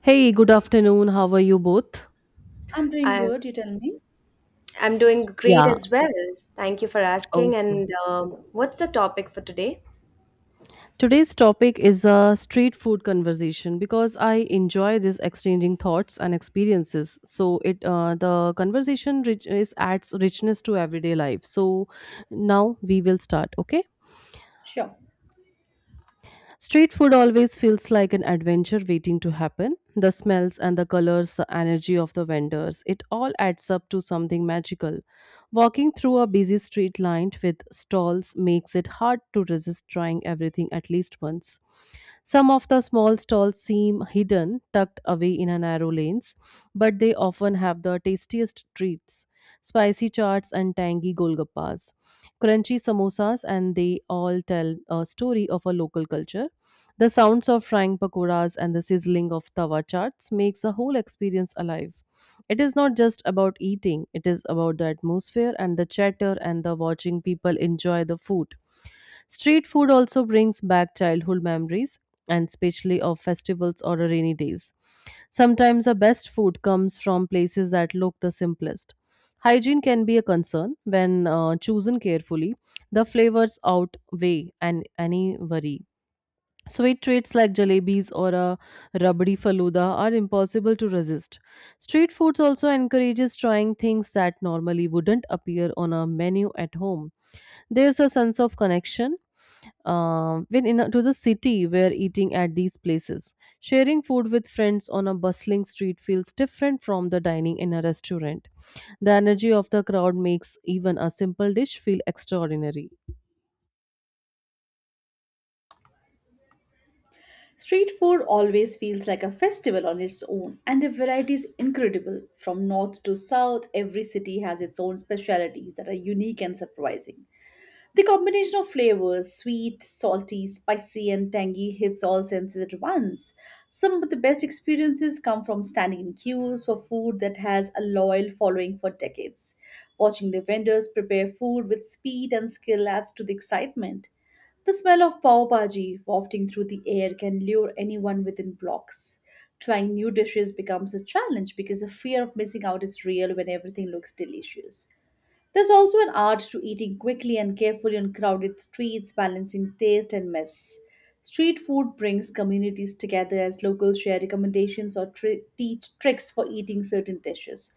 Hey, good afternoon. How are you both? I'm doing I, good, you tell me? I'm doing great Yeah, as well. Thank you for asking. okay. And What's the topic for today? Today's topic is a street food conversation because I enjoy this exchanging thoughts and experiences. So it the conversation rich- is adds richness to everyday life. So now we will start. Okay. Sure. Street food always feels like an adventure waiting to happen. The smells and the colors, the energy of the vendors, it all adds up to something magical. Walking through a busy street lined with stalls makes it hard to resist trying everything at least once. Some of the small stalls seem hidden, tucked away in a narrow lanes, but they often have the tastiest treats, spicy chaats and tangy golgappas, crunchy samosas, and they all tell a story of a local culture. The sounds of frying pakoras and the sizzling of tawa chats makes the whole experience alive. It is not just about eating, it is about the atmosphere and the chatter and the watching people enjoy the food. Street food also brings back childhood memories and especially of festivals or rainy days. Sometimes the best food comes from places that look the simplest. Hygiene can be a concern when chosen carefully. The flavors outweigh any worry. Sweet treats like jalebis or a rabdi faluda are impossible to resist. Street foods also encourages trying things that normally wouldn't appear on a menu at home. There's a sense of connection when to the city we're eating at these places. Sharing food with friends on a bustling street feels different from the dining in a restaurant. The energy of the crowd makes even a simple dish feel extraordinary. Street food always feels like a festival on its own, and the variety is incredible. From north to south, every city has its own specialities that are unique and surprising. The combination of flavors, sweet, salty, spicy, and tangy, hits all senses at once. Some of the best experiences come from standing in queues for food that has a loyal following for decades. Watching the vendors prepare food with speed and skill adds to the excitement. The smell of pav bhaji wafting through the air can lure anyone within blocks. Trying new dishes becomes a challenge because the fear of missing out is real when everything looks delicious. There's also an art to eating quickly and carefully on crowded streets, balancing taste and mess. Street food brings communities together as locals share recommendations or teach tricks for eating certain dishes.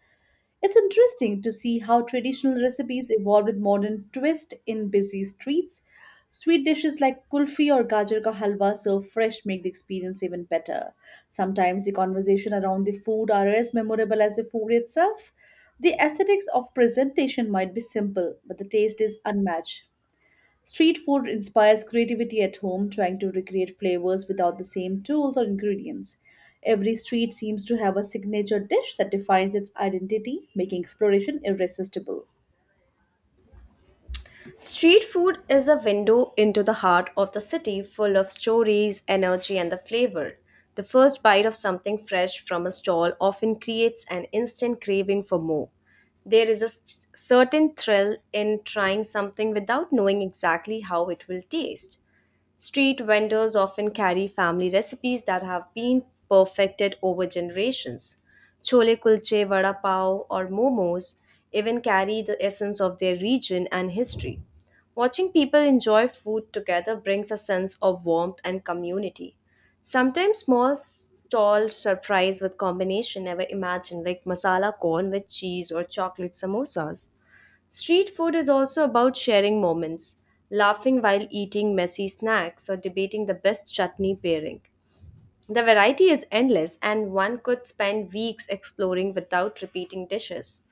It's interesting to see how traditional recipes evolve with modern twist in busy streets. Sweet dishes like kulfi or gajar ka halwa served fresh make the experience even better. Sometimes the conversation around the food are as memorable as the food itself. The aesthetics of presentation might be simple, but the taste is unmatched. Street food inspires creativity at home, trying to recreate flavors without the same tools or ingredients. Every street seems to have a signature dish that defines its identity, making exploration irresistible. Street food is a window into the heart of the city full of stories, energy, and the flavor. The first bite of something fresh from a stall often creates an instant craving for more. There is a certain thrill in trying something without knowing exactly how it will taste. Street vendors often carry family recipes that have been perfected over generations. Chole kulche, vada pav, or momos even carry the essence of their region and history. Watching people enjoy food together brings a sense of warmth and community. Sometimes small stall surprise with combination never imagined, like masala corn with cheese or chocolate samosas. Street food is also about sharing moments, laughing while eating messy snacks or debating the best chutney pairing. The variety is endless and one could spend weeks exploring without repeating dishes.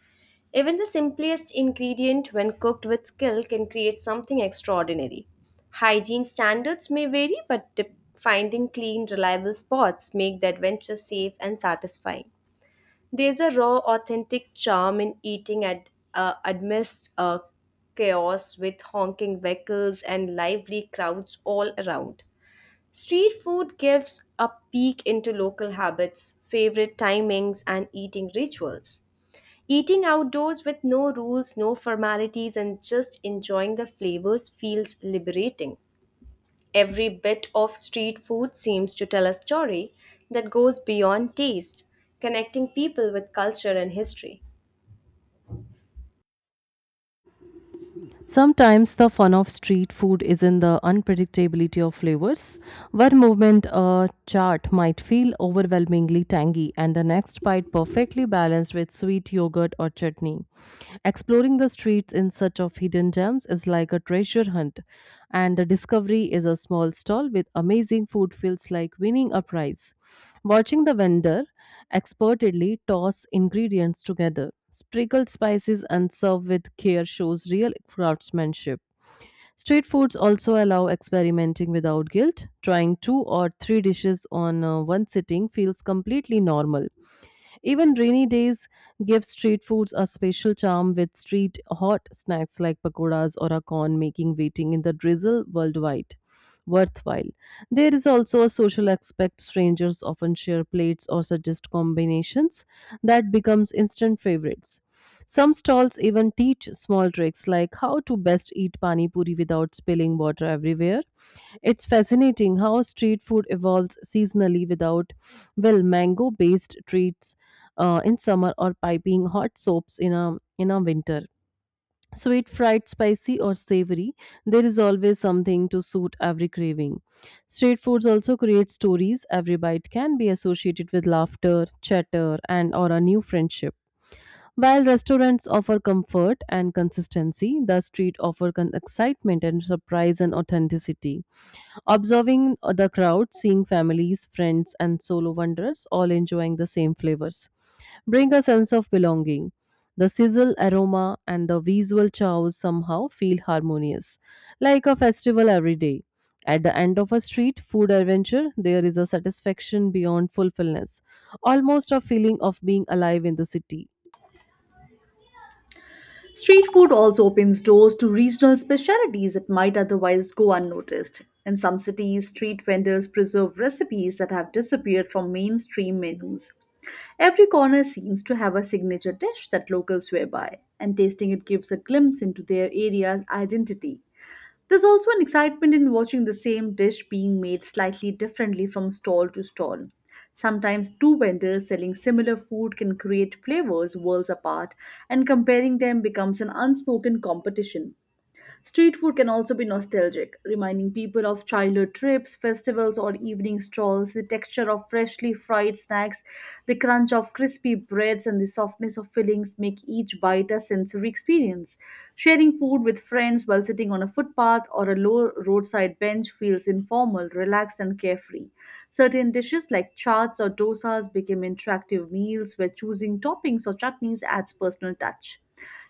Even the simplest ingredient, when cooked with skill, can create something extraordinary. Hygiene standards may vary, but finding clean, reliable spots make the adventure safe and satisfying. There's a raw, authentic charm in eating at amidst chaos with honking vehicles and lively crowds all around. Street food gives a peek into local habits, favorite timings, and eating rituals. Eating outdoors with no rules, no formalities, and just enjoying the flavors feels liberating. Every bit of street food seems to tell a story that goes beyond taste, connecting people with culture and history. Sometimes the fun of street food is in the unpredictability of flavors. One moment a chaat might feel overwhelmingly tangy, and the next bite perfectly balanced with sweet yogurt or chutney. Exploring the streets in search of hidden gems is like a treasure hunt, and the discovery is a small stall with amazing food feels like winning a prize. Watching the vendor expertedly toss ingredients together, sprinkle spices and serve with care shows real craftsmanship. Street foods also allow experimenting without guilt. Trying two or three dishes on one sitting feels completely normal. Even rainy days give street foods a special charm with street hot snacks like pakoras or a corn making waiting in the drizzle worldwide worthwhile. There is also a social aspect. Strangers often share plates or suggest combinations that becomes instant favorites. Some stalls even teach small tricks like how to best eat pani puri without spilling water everywhere. It's fascinating how street food evolves seasonally without well mango based treats in summer or piping hot soaps in a winter. Sweet, fried, spicy, or savory, there is always something to suit every craving. Street foods also create stories. Every bite can be associated with laughter, chatter, and or a new friendship. While restaurants offer comfort and consistency, the street offers excitement and surprise and authenticity. Observing the crowd, seeing families, friends, and solo wanderers all enjoying the same flavors bring a sense of belonging. The sizzle aroma and the visual chows somehow feel harmonious, like a festival every day. At the end of a street food adventure, there is a satisfaction beyond fulfillment, almost a feeling of being alive in the city. Street food also opens doors to regional specialities that might otherwise go unnoticed. In some cities, street vendors preserve recipes that have disappeared from mainstream menus. Every corner seems to have a signature dish that locals swear by, and tasting it gives a glimpse into their area's identity. There's also an excitement in watching the same dish being made slightly differently from stall to stall. Sometimes two vendors selling similar food can create flavors worlds apart, and comparing them becomes an unspoken competition. Street food can also be nostalgic, reminding people of childhood trips, festivals, or evening strolls. The texture of freshly fried snacks, the crunch of crispy breads, and the softness of fillings make each bite a sensory experience. Sharing food with friends while sitting on a footpath or a low roadside bench feels informal, relaxed, and carefree. Certain dishes like chaats or dosas became interactive meals where choosing toppings or chutneys adds personal touch.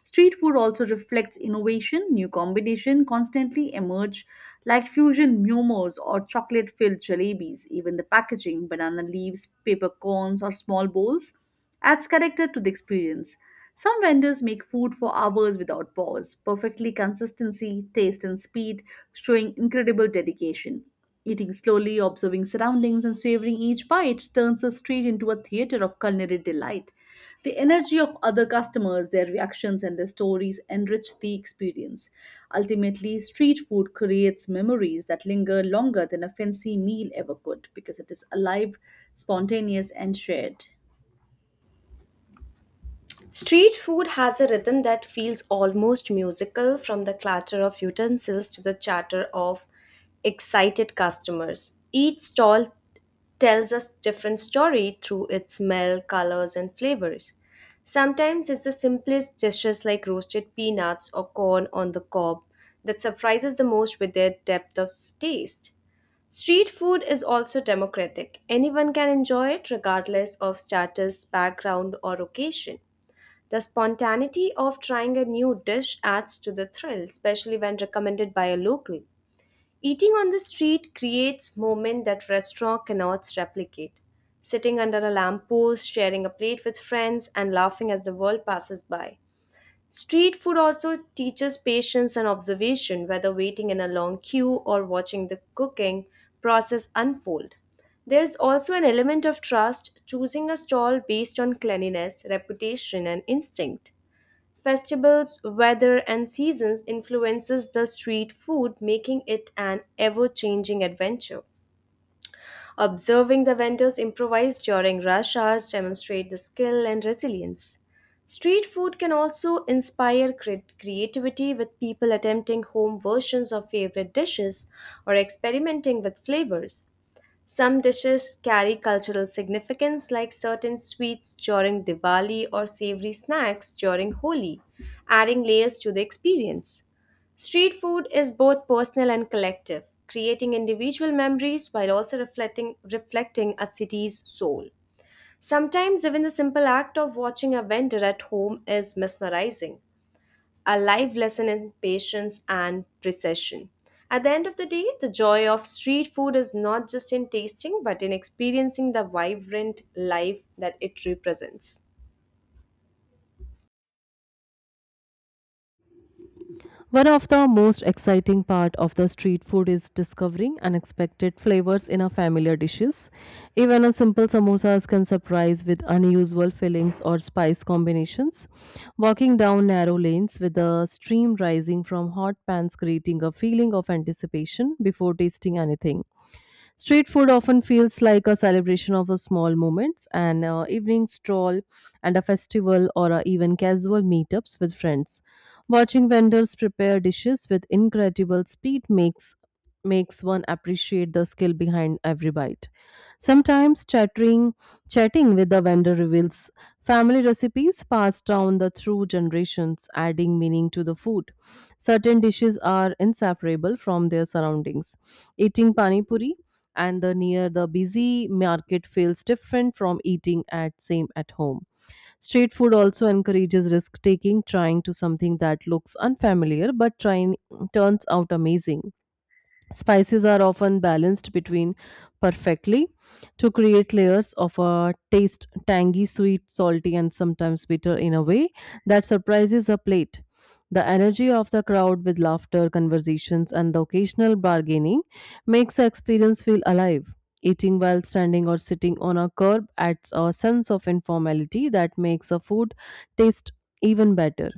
Street food also reflects innovation, new combination constantly emerge like fusion momos or chocolate-filled jalebis. Even the packaging, banana leaves, paper cones or small bowls adds character to the experience. Some vendors make food for hours without pause, perfectly consistency, taste and speed, showing incredible dedication. Eating slowly, observing surroundings, and savoring each bite turns the street into a theater of culinary delight. The energy of other customers, their reactions, and their stories enrich the experience. Ultimately, street food creates memories that linger longer than a fancy meal ever could because it is alive, spontaneous, and shared. Street food has a rhythm that feels almost musical from the clatter of utensils to the chatter of excited customers. Each stall tells a different story through its smell, colors, and flavors. Sometimes it's the simplest dishes like roasted peanuts or corn on the cob that surprises the most with their depth of taste. Street food is also democratic. Anyone can enjoy it regardless of status, background, or occasion. The spontaneity of trying a new dish adds to the thrill, especially when recommended by a local. Eating on the street creates moments that restaurant cannot replicate. Sitting under a lamppost, sharing a plate with friends, and laughing as the world passes by. Street food also teaches patience and observation, whether waiting in a long queue or watching the cooking process unfold. There is also an element of trust, choosing a stall based on cleanliness, reputation, and instinct. Festivals, weather, and seasons influences the street food, making it an ever-changing adventure. Observing the vendors improvise during rush hours demonstrate the skill and resilience. Street food can also inspire creativity with people attempting home versions of favorite dishes or experimenting with flavors. Some dishes carry cultural significance, like certain sweets during Diwali or savory snacks during Holi, adding layers to the experience. Street food is both personal and collective, creating individual memories while also reflecting a city's soul. Sometimes, even the simple act of watching a vendor at home is mesmerizing a live lesson in patience and precision. At the end of the day, the joy of street food is not just in tasting, but in experiencing the vibrant life that it represents. One of the most exciting part of the street food is discovering unexpected flavors in a familiar dishes. Even a simple samosas can surprise with unusual fillings or spice combinations. Walking down narrow lanes with the steam rising from hot pans creating a feeling of anticipation before tasting anything. Street food often feels like a celebration of a small moments, an evening stroll, and a festival or even casual meetups with friends. Watching vendors prepare dishes with incredible speed makes one appreciate the skill behind every bite. Sometimes chattering, Chatting with the vendor reveals family recipes passed down the through generations, adding meaning to the food. Certain dishes are inseparable from their surroundings. Eating pani puri and the near the busy market feels different from eating at same at home. Street food also encourages risk taking, trying to something that looks unfamiliar but trying turns out amazing. Spices are often balanced between perfectly to create layers of a taste tangy, sweet, salty, and sometimes bitter in a way that surprises a plate. The energy of the crowd with laughter, conversations, and the occasional bargaining makes the experience feel alive. Eating while standing or sitting on a curb adds a sense of informality that makes the food taste even better.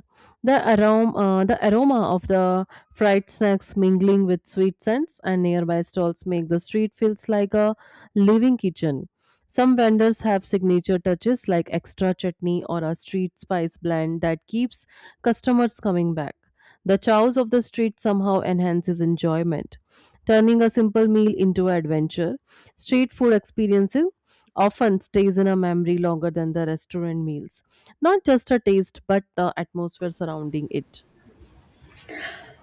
The aroma of the fried snacks mingling with sweet scents and nearby stalls make the street feels like a living kitchen. Some vendors have signature touches like extra chutney or a street spice blend that keeps customers coming back. The chows of the street somehow enhances enjoyment, turning a simple meal into an adventure. Street food experiences often stays in a memory longer than the restaurant meals. Not just a taste, but the atmosphere surrounding it.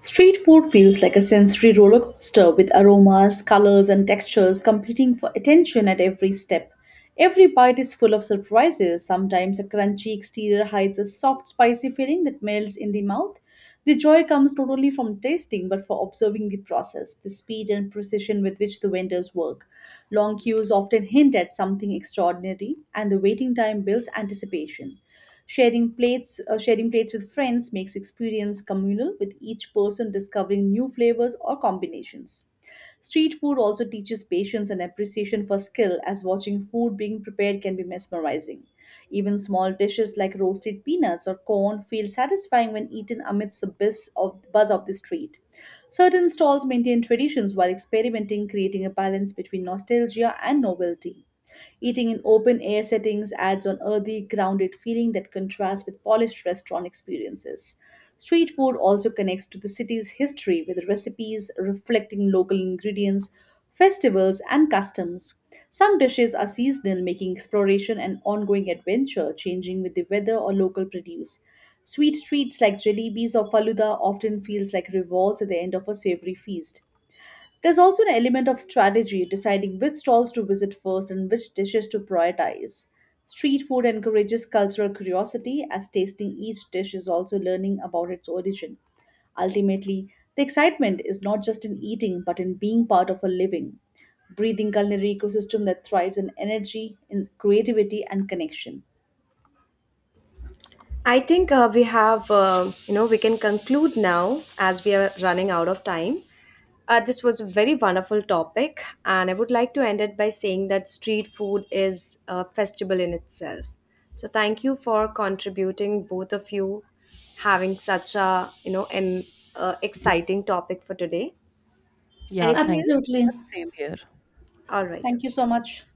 Street food feels like a sensory roller coaster with aromas, colors, and textures competing for attention at every step. Every bite is full of surprises. Sometimes a crunchy exterior hides a soft, spicy feeling that melts in the mouth. The joy comes not only from tasting but for observing the process, the speed and precision with which the vendors work. Long queues often hint at something extraordinary, and the waiting time builds anticipation. Sharing plates with friends makes experience communal, with each person discovering new flavors or combinations. Street food also teaches patience and appreciation for skill, as watching food being prepared can be mesmerizing. Even small dishes like roasted peanuts or corn feel satisfying when eaten amidst the buzz of the street. Certain stalls maintain traditions while experimenting, creating a balance between nostalgia and novelty. Eating in open air settings adds an earthy, grounded feeling that contrasts with polished restaurant experiences. Street food also connects to the city's history with recipes reflecting local ingredients, festivals, and customs. Some dishes are seasonal, making exploration an ongoing adventure, changing with the weather or local produce. Sweet treats like jalebis or faluda often feels like revolts at the end of a savory feast. There's also an element of strategy, deciding which stalls to visit first and which dishes to prioritize. Street food encourages cultural curiosity, as tasting each dish is also learning about its origin. Ultimately, the excitement is not just in eating, but in being part of a living, breathing culinary ecosystem that thrives in energy, in creativity, and connection. I think We have, we can conclude now as we are running out of time. This was a very wonderful topic, and I would like to end it by saying that street food is a festival in itself. So, thank you for contributing, both of you, having such a, an exciting topic for today. Yeah, Anything thank you else? so Absolutely. much. Same here. All right, Thank you okay. so much.